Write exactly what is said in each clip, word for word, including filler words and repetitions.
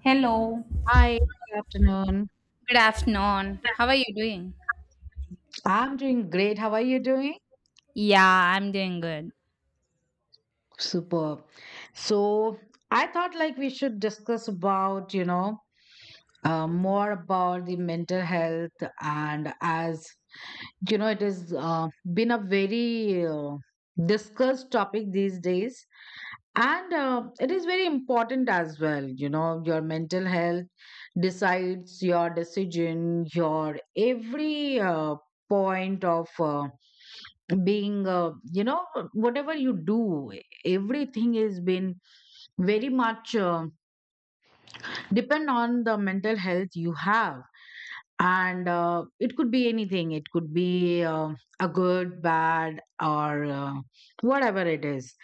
Hello. Hi, good afternoon. Good afternoon. How are you doing? I'm doing great. How are you doing? Yeah, I'm doing good. Superb. So I thought like we should discuss about, you know, uh, more about the mental health, and as you know, it has uh, been a very uh, discussed topic these days. And uh, it is very important as well. You know, your mental health decides your decision, your every uh, point of uh, being, uh, you know, whatever you do, everything has been very much uh, depend on the mental health you have, and uh, it could be anything, it could be uh, a good bad or uh, whatever it is.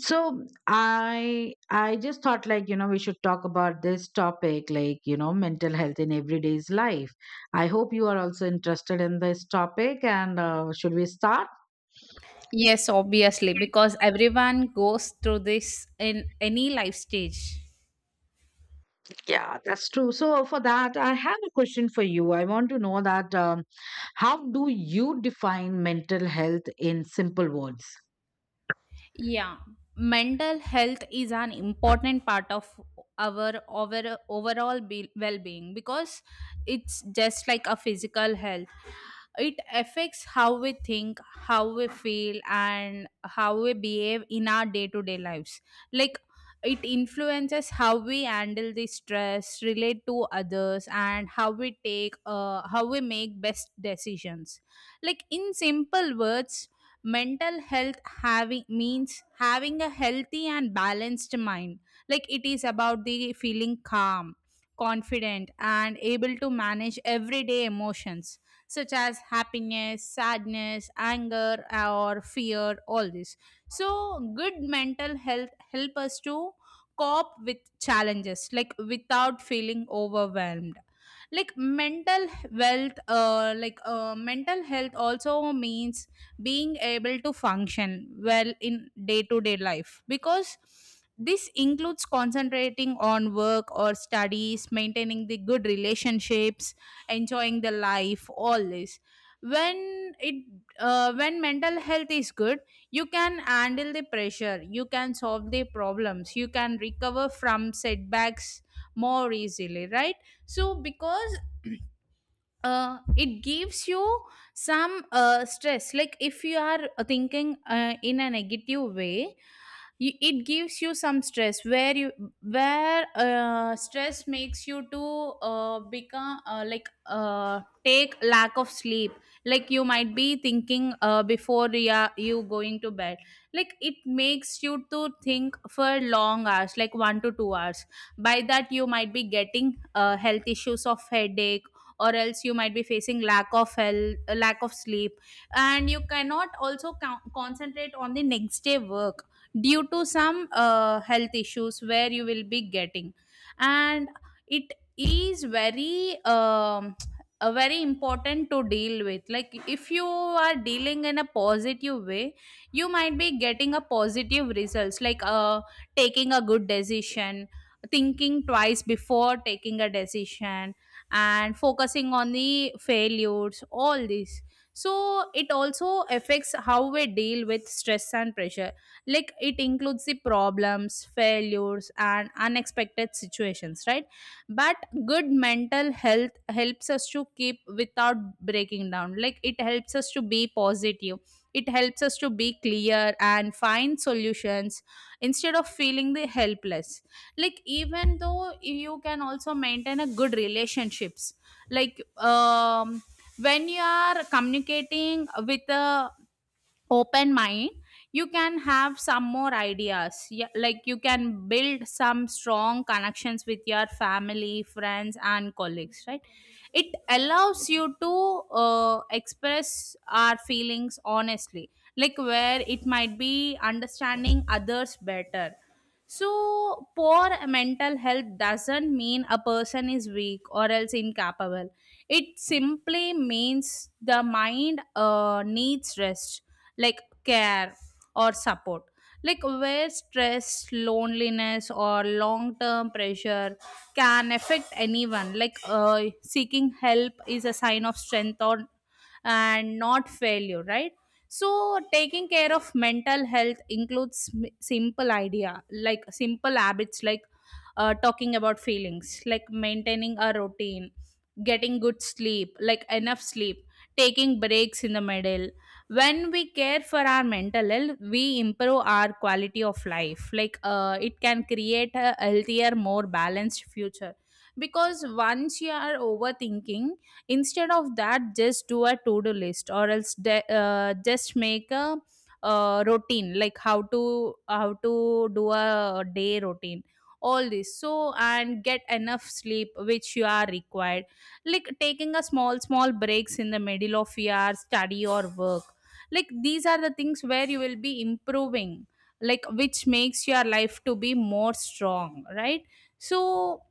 So i i just thought like you know we should talk about this topic, like you know mental health in everyday's life. I hope you are also interested in this topic, and uh, should we start? Yes, obviously, because everyone goes through this in any life stage. Yeah, that's true. So for that I have a question for you. I want to know that, um, how do you define mental health in simple words? Yeah, mental health is an important part of our over, overall be- well-being because it's just like a physical health. It affects how we think, how we feel, and how we behave in our day-to-day lives. Like it influences how we handle the stress, relate to others, and how we take, uh, how we make best decisions. Like in simple words, mental health having means having a healthy and balanced mind. Like it is about the feeling calm, confident, and able to manage everyday emotions such as happiness, sadness, anger, or fear, all this. So good mental health help us to cope with challenges like without feeling overwhelmed. Like mental wealth uh, like, uh, mental health also means being able to function well in day to day life because this includes concentrating on work or studies, maintaining the good relationships, enjoying the life, all this. when it uh, when mental health is good, you can handle the pressure, you can solve the problems, you can recover from setbacks more easily, right? So because uh, it gives you some uh, stress. Like if you are uh, thinking uh, in a negative way, y- it gives you some stress where you where uh, stress makes you to uh, become uh, like uh, take lack of sleep. Like you might be thinking uh, before you, are- you going to bed. Like it makes you to think for long hours like one to two hours. By that you might be getting uh, health issues of headache, or else you might be facing lack of health uh, lack of sleep, and you cannot also co- concentrate on the next day work due to some uh, health issues where you will be getting. And it is very um, a very important to deal with. Like if you are dealing in a positive way, you might be getting a positive results like uh, taking a good decision, thinking twice before taking a decision, and focusing on the failures, all this. So it also affects how we deal with stress and pressure, like it includes the problems, failures, and unexpected situations, right? But good mental health helps us to keep without breaking down. Like it helps us to be positive, it helps us to be clear and find solutions instead of feeling the helpless. Like even though you can also maintain a good relationships, like um when you are communicating with a open mind, you can have some more ideas, yeah, like you can build some strong connections with your family, friends, and colleagues, right? It allows you to uh, express our feelings honestly, like where it might be understanding others better. So poor mental health doesn't mean a person is weak or else incapable. It simply means the mind uh, needs rest, like care or support, like where stress, loneliness, or long term pressure can affect anyone. Like uh, seeking help is a sign of strength or and not failure, right? So taking care of mental health includes m- simple idea, like simple habits, like uh, talking about feelings, like maintaining a routine, getting good sleep, like enough sleep, taking breaks in the middle. When we care for our mental health, we improve our quality of life, like uh, it can create a healthier, more balanced future. Because once you are overthinking, instead of that just do a to-do list, or else de- uh, just make a uh, routine, like how to how to do a day routine, all this. So and get enough sleep which you are required, like taking a small small breaks in the middle of your study or work. Like these are the things where you will be improving, like which makes your life to be more strong, right? So,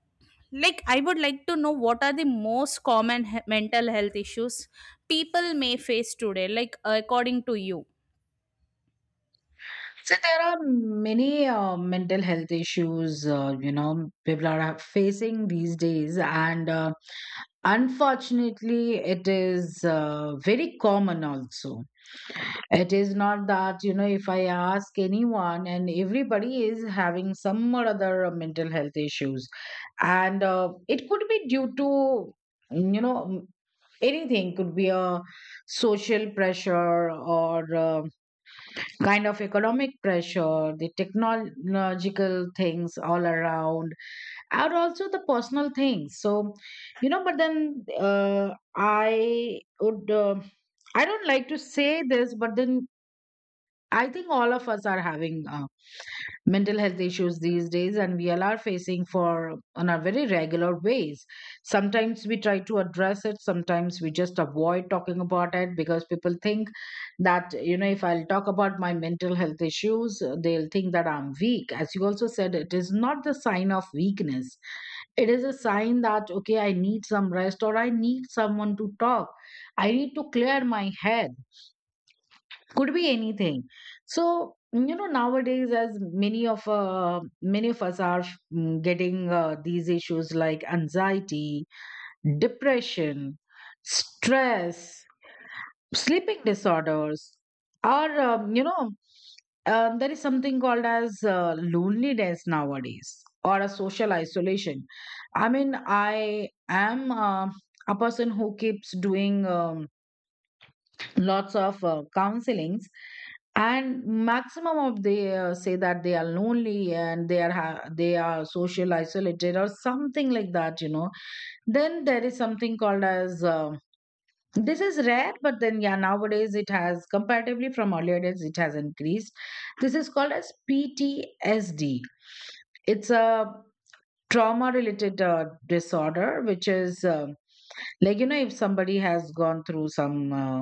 like I would like to know, what are the most common he- mental health issues people may face today, like according to you? So there are many uh, mental health issues, uh, you know, people are facing these days, and uh, unfortunately, it is uh, very common also. It is not that, you know, if I ask anyone, and everybody is having some or other uh, mental health issues, and uh, it could be due to, you know, anything, could be a social pressure or uh, kind of economic pressure, the technological things all around, and also the personal things. So, you know, but then uh, I would, uh, I don't like to say this, but then I think all of us are having uh, mental health issues these days, and we all are facing for on a very regular ways. Sometimes we try to address it, sometimes we just avoid talking about it because people think that you know if I'll talk about my mental health issues, uh, they'll think that I'm weak. As you also said, it is not the sign of weakness, it is a sign that okay, I need some rest or I need someone to talk, I need to clear my head. Could be anything. So you know nowadays, as many of uh, many of us are mm, getting uh, these issues like anxiety, depression, stress, sleeping disorders, or um, you know um, there is something called as uh, loneliness nowadays, or a social isolation. I mean, I am uh, a person who keeps doing um, lots of uh, counselings, and maximum of they uh, say that they are lonely and they are ha- they are social isolated or something like that you know Then there is something called as uh, this is rare, but then yeah, nowadays it has comparatively from earlier days it has increased. This is called as P T S D. It's a trauma related uh, disorder which is uh, like you know if somebody has gone through some uh,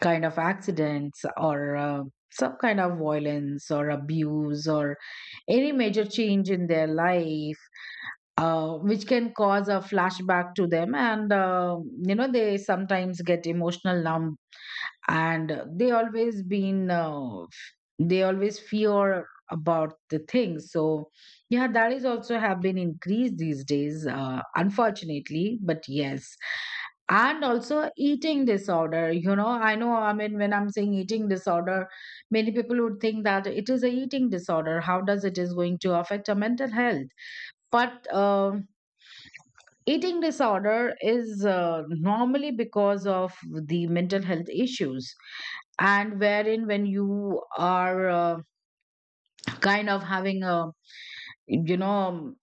kind of accidents or uh, some kind of violence or abuse or any major change in their life, uh, which can cause a flashback to them, and uh, you know they sometimes get emotional numb, and they always been uh, they always fear about the things. So yeah, that is also have been increased these days, uh, unfortunately, but yes. And also eating disorder, you know I know, I mean when I'm saying eating disorder, many people would think that it is a eating disorder, how does it is going to affect our mental health. But um eating disorder is uh, normally because of the mental health issues, and wherein when you are uh, kind of having a you know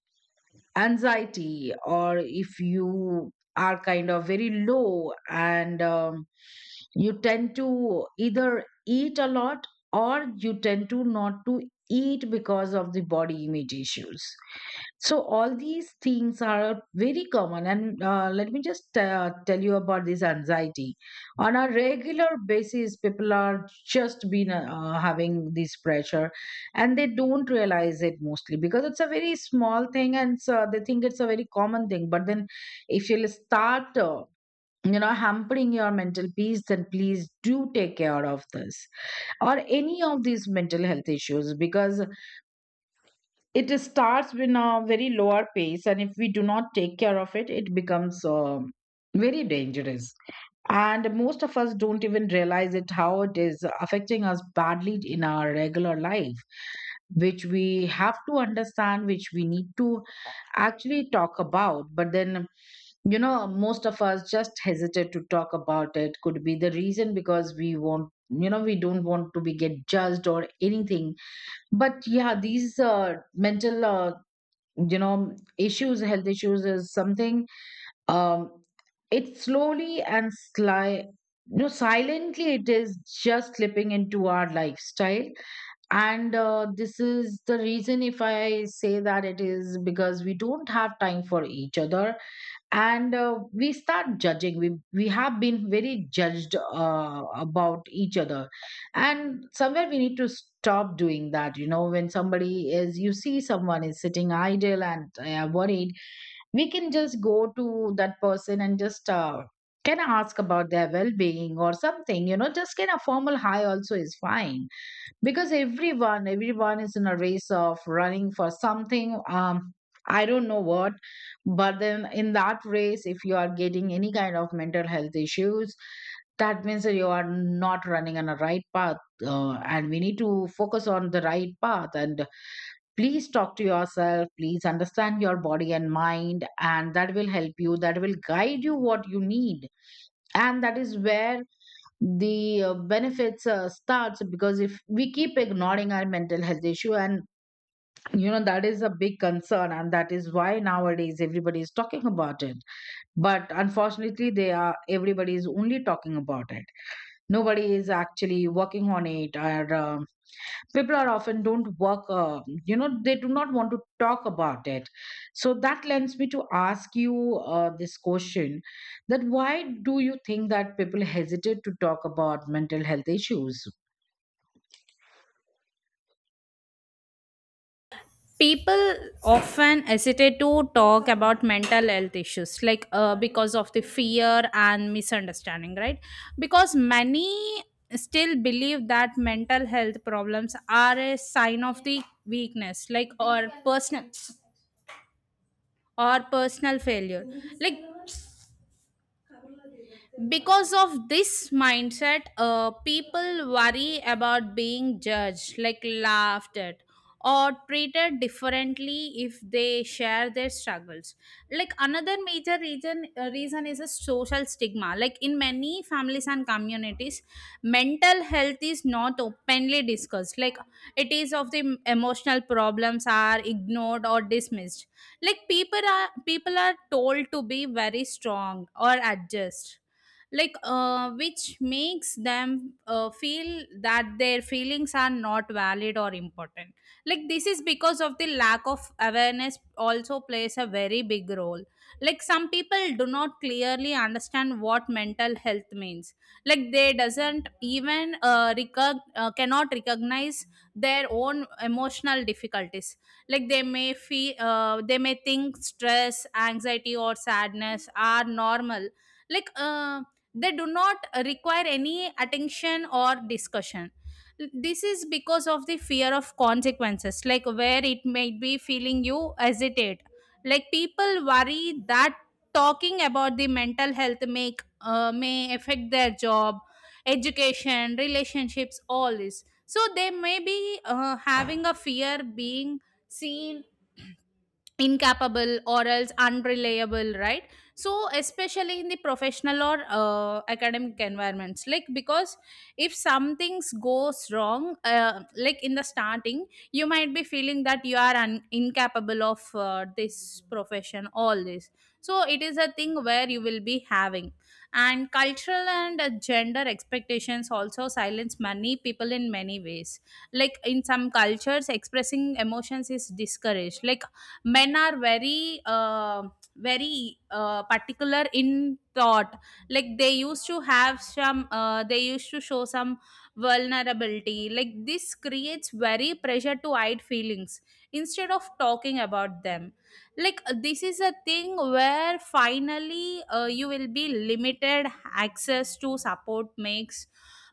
anxiety, or if you are kind of very low and um, you tend to either eat a lot, or you tend to not to eat because of the body image issues. So all these things are very common, and uh, let me just uh, tell you about this anxiety. On a regular basis, people are just been uh, having this pressure, and they don't realize it mostly because it's a very small thing, and so they think it's a very common thing. But then, if you'll start. Uh, you know, hampering your mental peace, then please do take care of this or any of these mental health issues, because it starts with a very lower pace, and if we do not take care of it, it becomes um very dangerous, and most of us don't even realize it, how it is affecting us badly in our regular life, which we have to understand, which we need to actually talk about. But then, you know most of us just hesitate to talk about, it could be the reason because we want, you know we don't want to be get judged or anything. But yeah, these uh, mental uh, you know issues, health issues is something, um it slowly and sly, you know silently it is just slipping into our lifestyle. And uh, this is the reason if I say that, it is because we don't have time for each other, and uh, we start judging, we we have been very judged uh, about each other, and somewhere we need to stop doing that you know When somebody is, you see someone is sitting idle and uh, worried, we can just go to that person and just uh, can ask about their well-being or something. You know just can a formal hi also is fine, because everyone everyone is in a race of running for something, um I don't know what. But then in that race, if you are getting any kind of mental health issues, that means that you are not running on a right path, uh, and we need to focus on the right path, and please talk to yourself, please understand your body and mind, and that will help you, that will guide you what you need. And that is where the uh, benefits uh, starts, because if we keep ignoring our mental health issue, and you know that is a big concern, and that is why nowadays everybody is talking about it. But unfortunately they are everybody is only talking about it, nobody is actually working on it, or um, people are often don't work, uh, you know they do not want to talk about it. So that lends me to ask you uh, this question, that why do you think that people hesitate to talk about mental health issues? People often hesitate to talk about mental health issues, like uh, because of the fear and misunderstanding, right? Because many still believe that mental health problems are a sign of the weakness, like or personal or personal failure. Like because of this mindset, uh, people worry about being judged, like laughed at or treated differently if they share their struggles. Like another major reason uh, reason is a social stigma, like in many families and communities, mental health is not openly discussed. Like it is of the emotional problems are ignored or dismissed. Like people are people are told to be very strong or adjust, like uh, which makes them uh, feel that their feelings are not valid or important. Like this is because of the lack of awareness also plays a very big role. Like some people do not clearly understand what mental health means. Like they doesn't even uh, recog- uh, cannot recognize their own emotional difficulties. Like they may feel uh, they may think stress, anxiety, or sadness are normal, like uh, they do not require any attention or discussion. This is because of the fear of consequences, like where it might be feeling you hesitate. Like people worry that talking about the mental health make uh, may affect their job, education, relationships, all this. So they may be uh, having a fear being seen incapable or else unreliable, right? So especially in the professional or uh, academic environments, like because if something goes wrong, uh, like in the starting, you might be feeling that you are un- incapable of uh, this profession, all this. So it is a thing where you will be having, and cultural and uh, gender expectations also silence many people in many ways. Like in some cultures expressing emotions is discouraged. Like men are very uh, very uh, particular in thought. Like they used to have some uh, they used to show some vulnerability. Like this creates very pressure to hide feelings instead of talking about them. Like this is a thing where finally, uh, you will be limited access to support, makes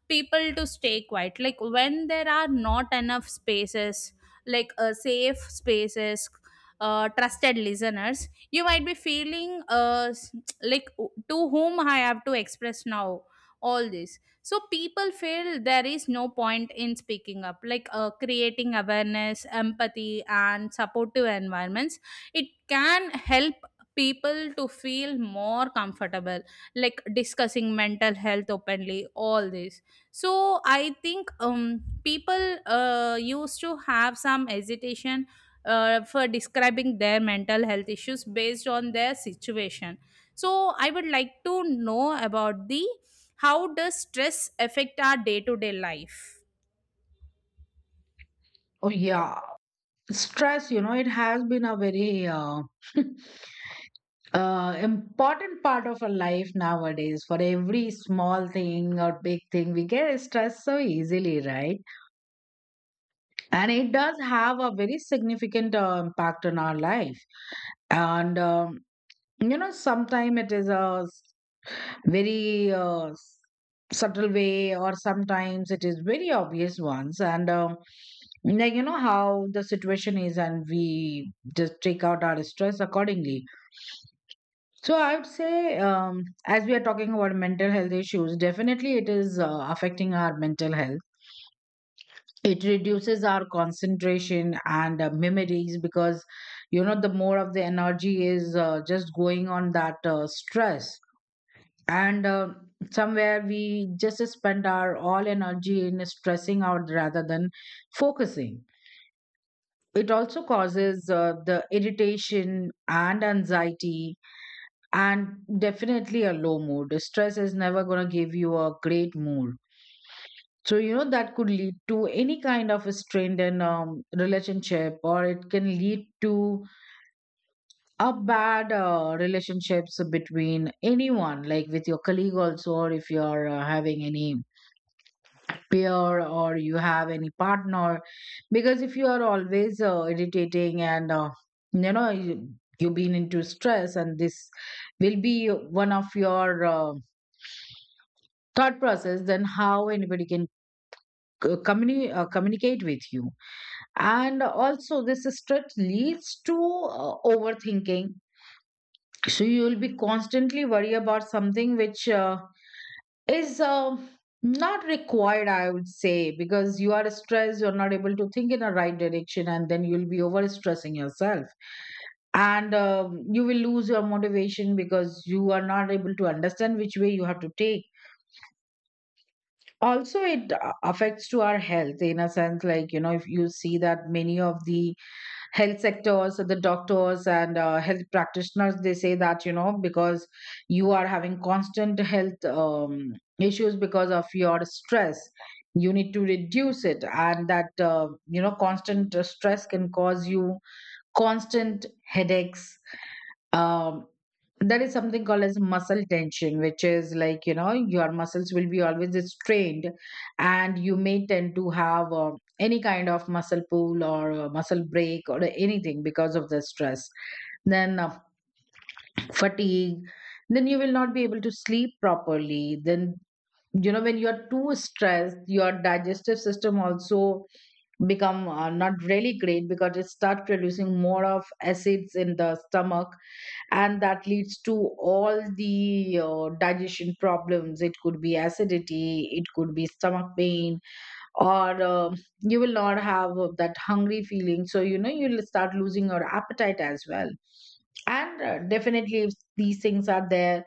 people to stay quiet. Like when there are not enough spaces, like uh, safe spaces, uh, trusted listeners, you might be feeling uh, s- like to whom I have to express now, all this. So people feel there is no point in speaking up, like uh, creating awareness, empathy, and supportive environments. It can help people to feel more comfortable like discussing mental health openly, all this. So I think um people uh used to have some hesitation uh, for describing their mental health issues based on their situation. So, I would like to know about the how does stress affect our day to day life? Oh yeah, stress, you know it has been a very uh, uh, important part of our life nowadays. For every small thing or big thing we get stressed so easily, right? And it does have a very significant uh, impact on our life. And um, you know sometimes it is a s- very uh, s- subtle way, or sometimes it is very obvious ones, and um, like you know how the situation is, and we just take out our stress accordingly. So I would say, um, as we are talking about mental health issues, definitely it is uh, affecting our mental health, it reduces our concentration and uh, memories, because you know the more of the energy is uh, just going on that uh, stress, and uh, somewhere we just spend our all energy in stressing out rather than focusing. It also causes uh, the irritation and anxiety, and definitely a low mood. Stress is never going to give you a great mood. So, you know, that could lead to any kind of a strained and um, relationship, or it can lead to a bad uh, relationships between anyone, like with your colleague also, or if you are uh, having any peer or you have any partner. Because if you are always uh, irritating and, uh, you know, you, you've been into stress, and this will be one of your uh, thought process, then how anybody can uh, communi- uh, communicate with you? And also this stress leads to uh, overthinking, so you will be constantly worried about something which uh, is uh, not required, I would say, because you are stressed, you're not able to think in a right direction, and then you'll be over stressing yourself, and um you will lose your motivation because you are not able to understand which way you have to take. Also it a- affects to our health in a sense, like you know if you see that many of the health sectors, the doctors and uh, health practitioners, they say that you know because you are having constant health um, issues because of your stress, you need to reduce it, and that uh, you know constant uh, stress can cause you constant headaches. um, there is something called as muscle tension, which is like, you know, your muscles will be always strained, and you may tend to have uh, any kind of muscle pull or uh, muscle break or anything because of the stress. Then uh, fatigue, then you will not be able to sleep properly. Then, you know, when you're too stressed, your digestive system also become uh, not really great because it start producing more of acids in the stomach, and that leads to all the uh, digestion problems. It could be acidity, it could be stomach pain, or um you will not have uh, that hungry feeling, so you know you'll start losing your appetite as well. And uh, definitely if these things are there,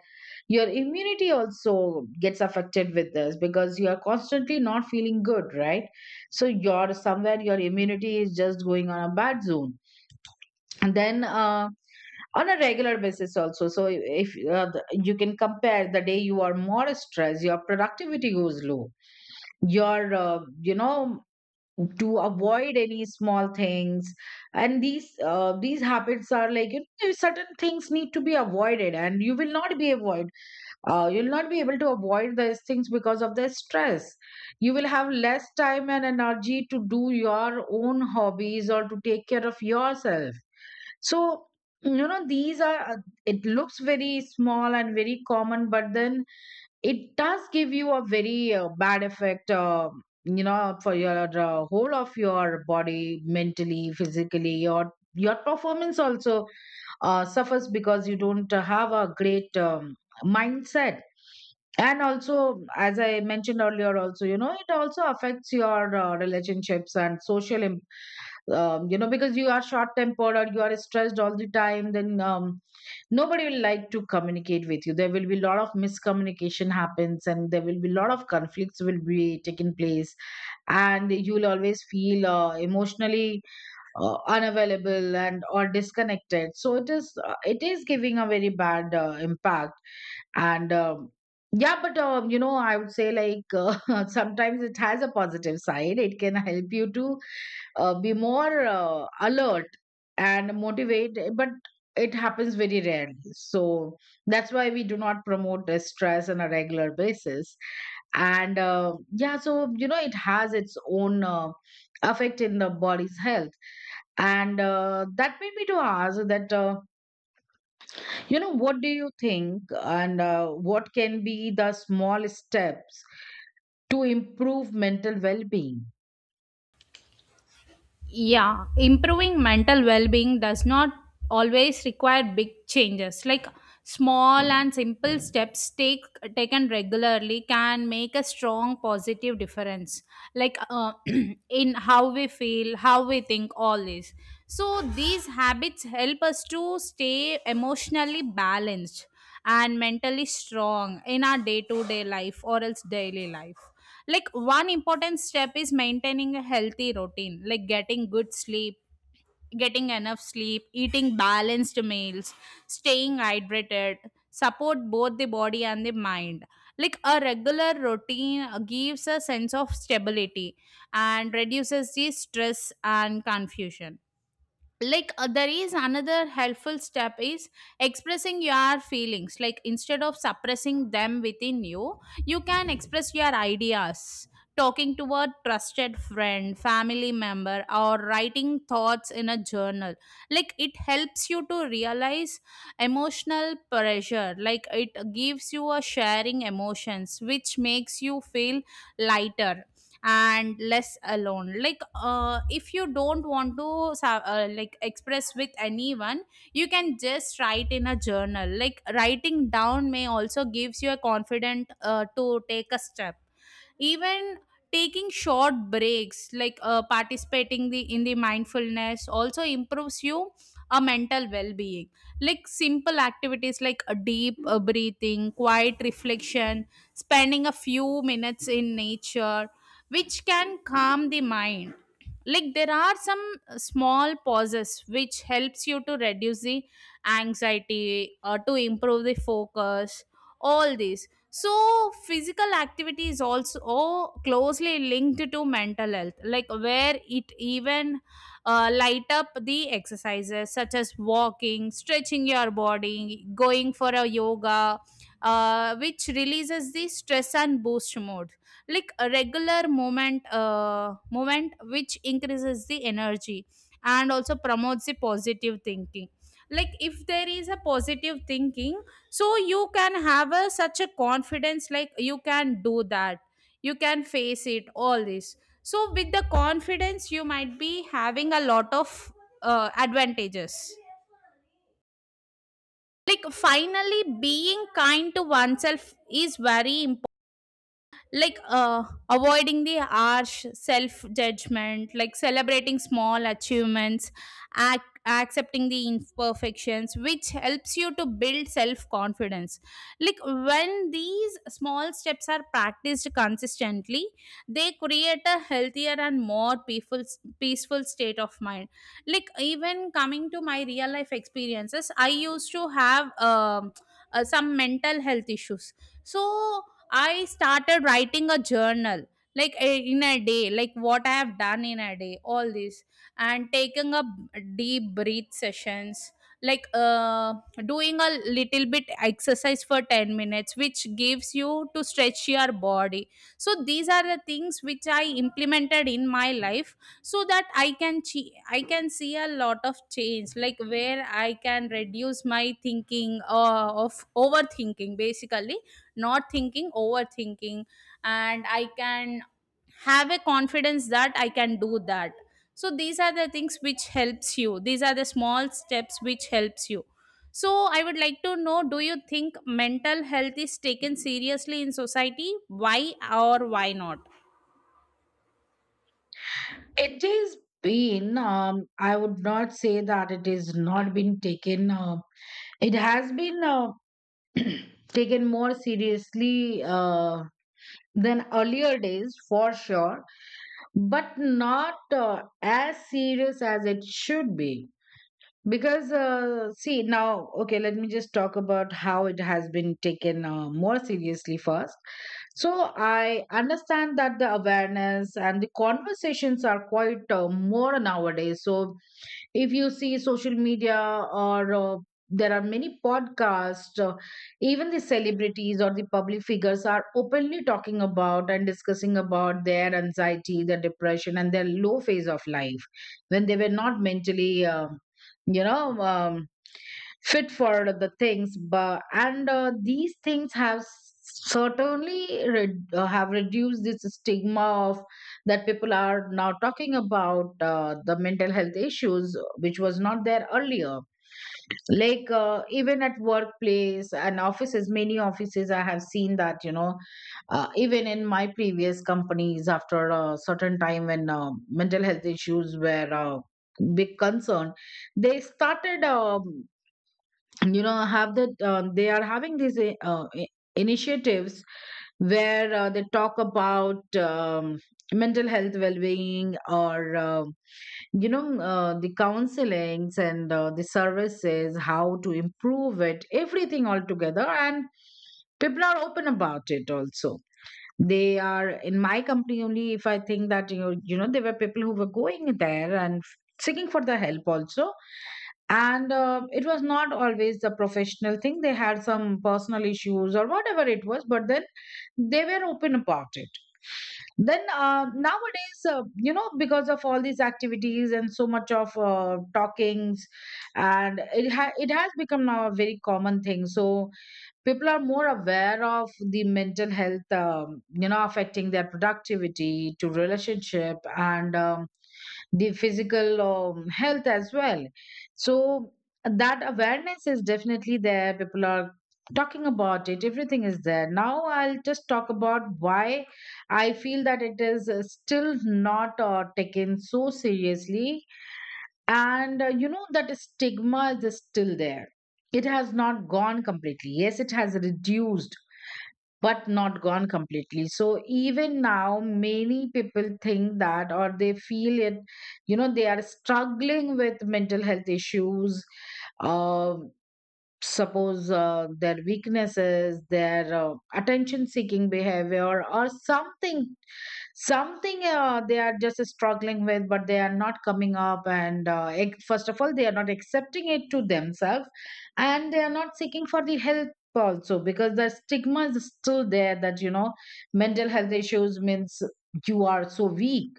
your immunity also gets affected with this because you are constantly not feeling good, right? So you're somewhere your immunity is just going on a bad zone. And then uh, on a regular basis also, so if uh, the- you can compare the day you are more stressed, your productivity goes low, your uh, you know to avoid any small things, and these uh, these habits are, like, you know, certain things need to be avoided, and you will not be avoid, uh, you'll not be able to avoid these things because of the stress. You will have less time and energy to do your own hobbies or to take care of yourself. So, you know, these are, uh, it looks very small and very common, but then it does give you a very uh, bad effect, uh, you know, for your uh, whole of your body, mentally, physically, your your performance also uh, suffers because you don't uh, have a great um, mindset. And also, as I mentioned earlier also, you know, it also affects your uh, relationships and social. Um, you know, because you are short tempered, or you are stressed all the time, then um, nobody will like to communicate with you. There will be a lot of miscommunication happens, and there will be a lot of conflicts will be taking place. And you will always feel uh, emotionally uh, unavailable and or disconnected. So it is uh, it is giving a very bad uh, impact. And um, Yeah. But um, you know, I would say, like, uh, sometimes it has a positive side. It can help you to uh, be more uh, alert and motivated, but it happens very rarely. So that's why we do not promote the stress on a regular basis. And uh, yeah, so you know, it has its own uh, effect in the body's health. And uh, that made me to ask that, uh, you know, what do you think? And uh, what can be the small steps to improve mental well-being? Yeah, improving mental well being does not always require big changes. Like small and simple steps take, taken regularly can make a strong positive difference, like uh, in how we feel, how we think, all this. So, these habits help us to stay emotionally balanced and mentally strong in our day to day life or else daily life. Like one important step is maintaining a healthy routine, like getting good sleep getting enough sleep, eating balanced meals, staying hydrated, support both the body and the mind. Like a regular routine gives a sense of stability and reduces the stress and confusion. Like uh, there is another helpful step is expressing your feelings, like instead of suppressing them within you you can express your ideas, talking to a trusted friend, family member, or writing thoughts in a journal. Like it helps you to realize emotional pressure, like it gives you a sharing emotions which makes you feel lighter and less alone. Like uh, if you don't want to sa- uh, like express with anyone, you can just write in a journal. Like writing down may also gives you a confident uh, to take a step. Even taking short breaks like uh, participating the in the mindfulness also improves you a mental well-being. Like simple activities like a deep uh, breathing, quiet reflection, spending a few minutes in nature, which can calm the mind. Like there are some uh, small pauses which helps you to reduce the anxiety or to improve the focus, all these. So physical activity is also, oh, closely linked to mental health, like where it even uh, light up the exercises such as walking, stretching your body, going for a yoga, uh, which releases the stress and boost mode. Like a regular movement uh, movement which increases the energy, and also promotes the positive thinking. Like if there is a positive thinking, so you can have a, such a confidence, like you can do that, you can face it, all this. So with the confidence you might be having a lot of uh, advantages. Like finally being kind to oneself is very important, like uh, avoiding the harsh self judgment, like celebrating small achievements, ac- accepting the imperfections which helps you to build self confidence. Like when these small steps are practiced consistently, they create a healthier and more peaceful peaceful state of mind. Like even coming to my real life experiences, I used to have um, uh, some mental health issues. So I started writing a journal, like eh, in a day, like what I have done in a day, all this, and taking a b- deep breath sessions, like uh, doing a little bit exercise for ten minutes, which gives you to stretch your body. So these are the things which I implemented in my life, so that I can che- I can see a lot of change, like where I can reduce my thinking uh, of overthinking basically, not thinking overthinking, and I can have a confidence that I can do that. So these are the things which helps you, these are the small steps which helps you. So I would like to know, do you think mental health is taken seriously in society, why or why not? It has been, um, I would not say that it is not been taken, uh, it has been, uh, taken more seriously uh, than earlier days, for sure. But not uh, as serious as it should be. Because, uh, see, now, okay, let me just talk about how it has been taken uh, more seriously first. So, I understand that the awareness and the conversations are quite uh, more nowadays. So, if you see social media, or uh, there are many podcasts. Uh, even the celebrities or the public figures are openly talking about and discussing about their anxiety, their depression, and their low phase of life when they were not mentally um, you know um, fit for the things. But and uh, these things have certainly re- uh, have reduced this stigma of that people are now talking about uh, the mental health issues, which was not there earlier. Like, uh, even at workplace and offices, many offices I have seen that, you know, uh, even in my previous companies, after a certain time when uh, mental health issues were uh, big concern, they started, um, you know, have that, uh, they are having these uh, uh, i- initiatives where uh, they talk about um, mental health well-being, or uh, you know, uh, the counselings and uh, the services, how to improve it, everything all together. And people are open about it also. They are, in my company only, if I think that, you know, you know, there were people who were going there and seeking for the help also. And uh, it was not always the professional thing. They had some personal issues or whatever it was, but then they were open about it. Then uh, nowadays, uh, you know, because of all these activities and so much of uh, talkings, and it ha- it has become now a very common thing. So people are more aware of the mental health, um, you know, affecting their productivity to relationship and um, the physical um, health as well. So that awareness is definitely there. People are talking about it, everything is there. Now I'll just talk about why I feel that it is uh, still not uh, taken so seriously. And uh, you know, that stigma is still there. It has not gone completely. Yes, it has reduced, but not gone completely. So even now, many people think that, or they feel it, you know, they are struggling with mental health issues. uh, Suppose uh, their weaknesses, their uh, attention seeking behavior, or something. Something uh, they are just struggling with, but they are not coming up and uh, ac- first of all, they are not accepting it to themselves, and they are not seeking for the help also, because the stigma is still there, that, you know, mental health issues means you are so weak.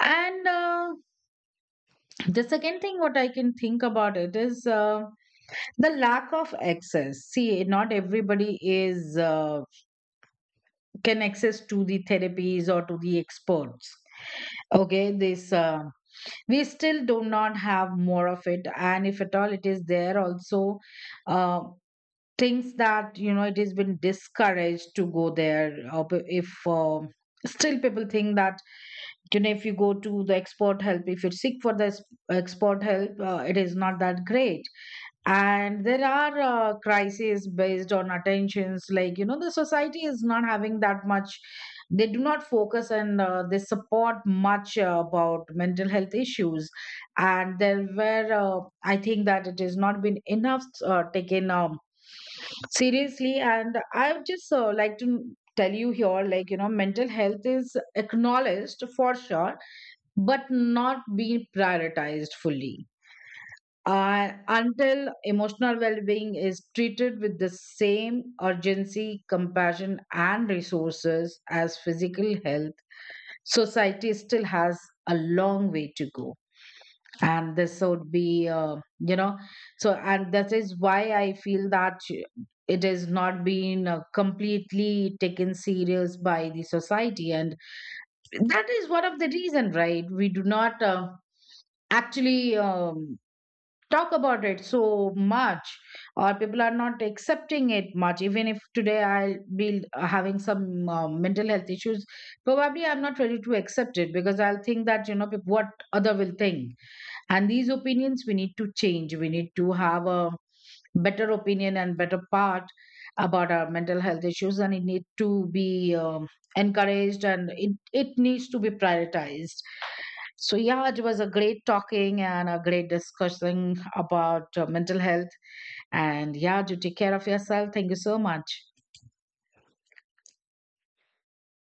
And uh, the second thing what I can think about it is, uh, the lack of access. See, not everybody is uh, can access to the therapies or to the experts. Okay, this, uh, we still do not have more of it. And if at all it is there also, uh, things that, you know, it has been discouraged to go there, or p- if uh, still people think that, you know, if you go to the expert help, if you seek for the s- expert help, uh, it is not that great. And there are uh, crises based on attentions, like, you know, the society is not having that much. They do not focus, and uh, they support much uh, about mental health issues. And there were, uh, I think that it has not been enough uh, taken, um, seriously. And I would just uh, like to tell you here, like, you know, mental health is acknowledged for sure, but not being prioritized fully. Uh, until emotional well-being is treated with the same urgency, compassion, and resources as physical health, society still has a long way to go. And this would be, uh, you know, so, and that is why I feel that it is not being uh, completely taken serious by the society. And that is one of the reason, right? We do not uh, actually um, talk about it so much, or people are not accepting it much. Even if today I'll be having some uh, mental health issues, probably I'm not ready to accept it, because I'll think that, you know, peop- what other will think. And these opinions we need to change. We need to have a better opinion and better part about our mental health issues, and it need to be, um, encouraged, and it, it needs to be prioritized. So yeah, it was a great talking and a great discussion about uh, mental health. And yeah, do take care of yourself. Thank you so much.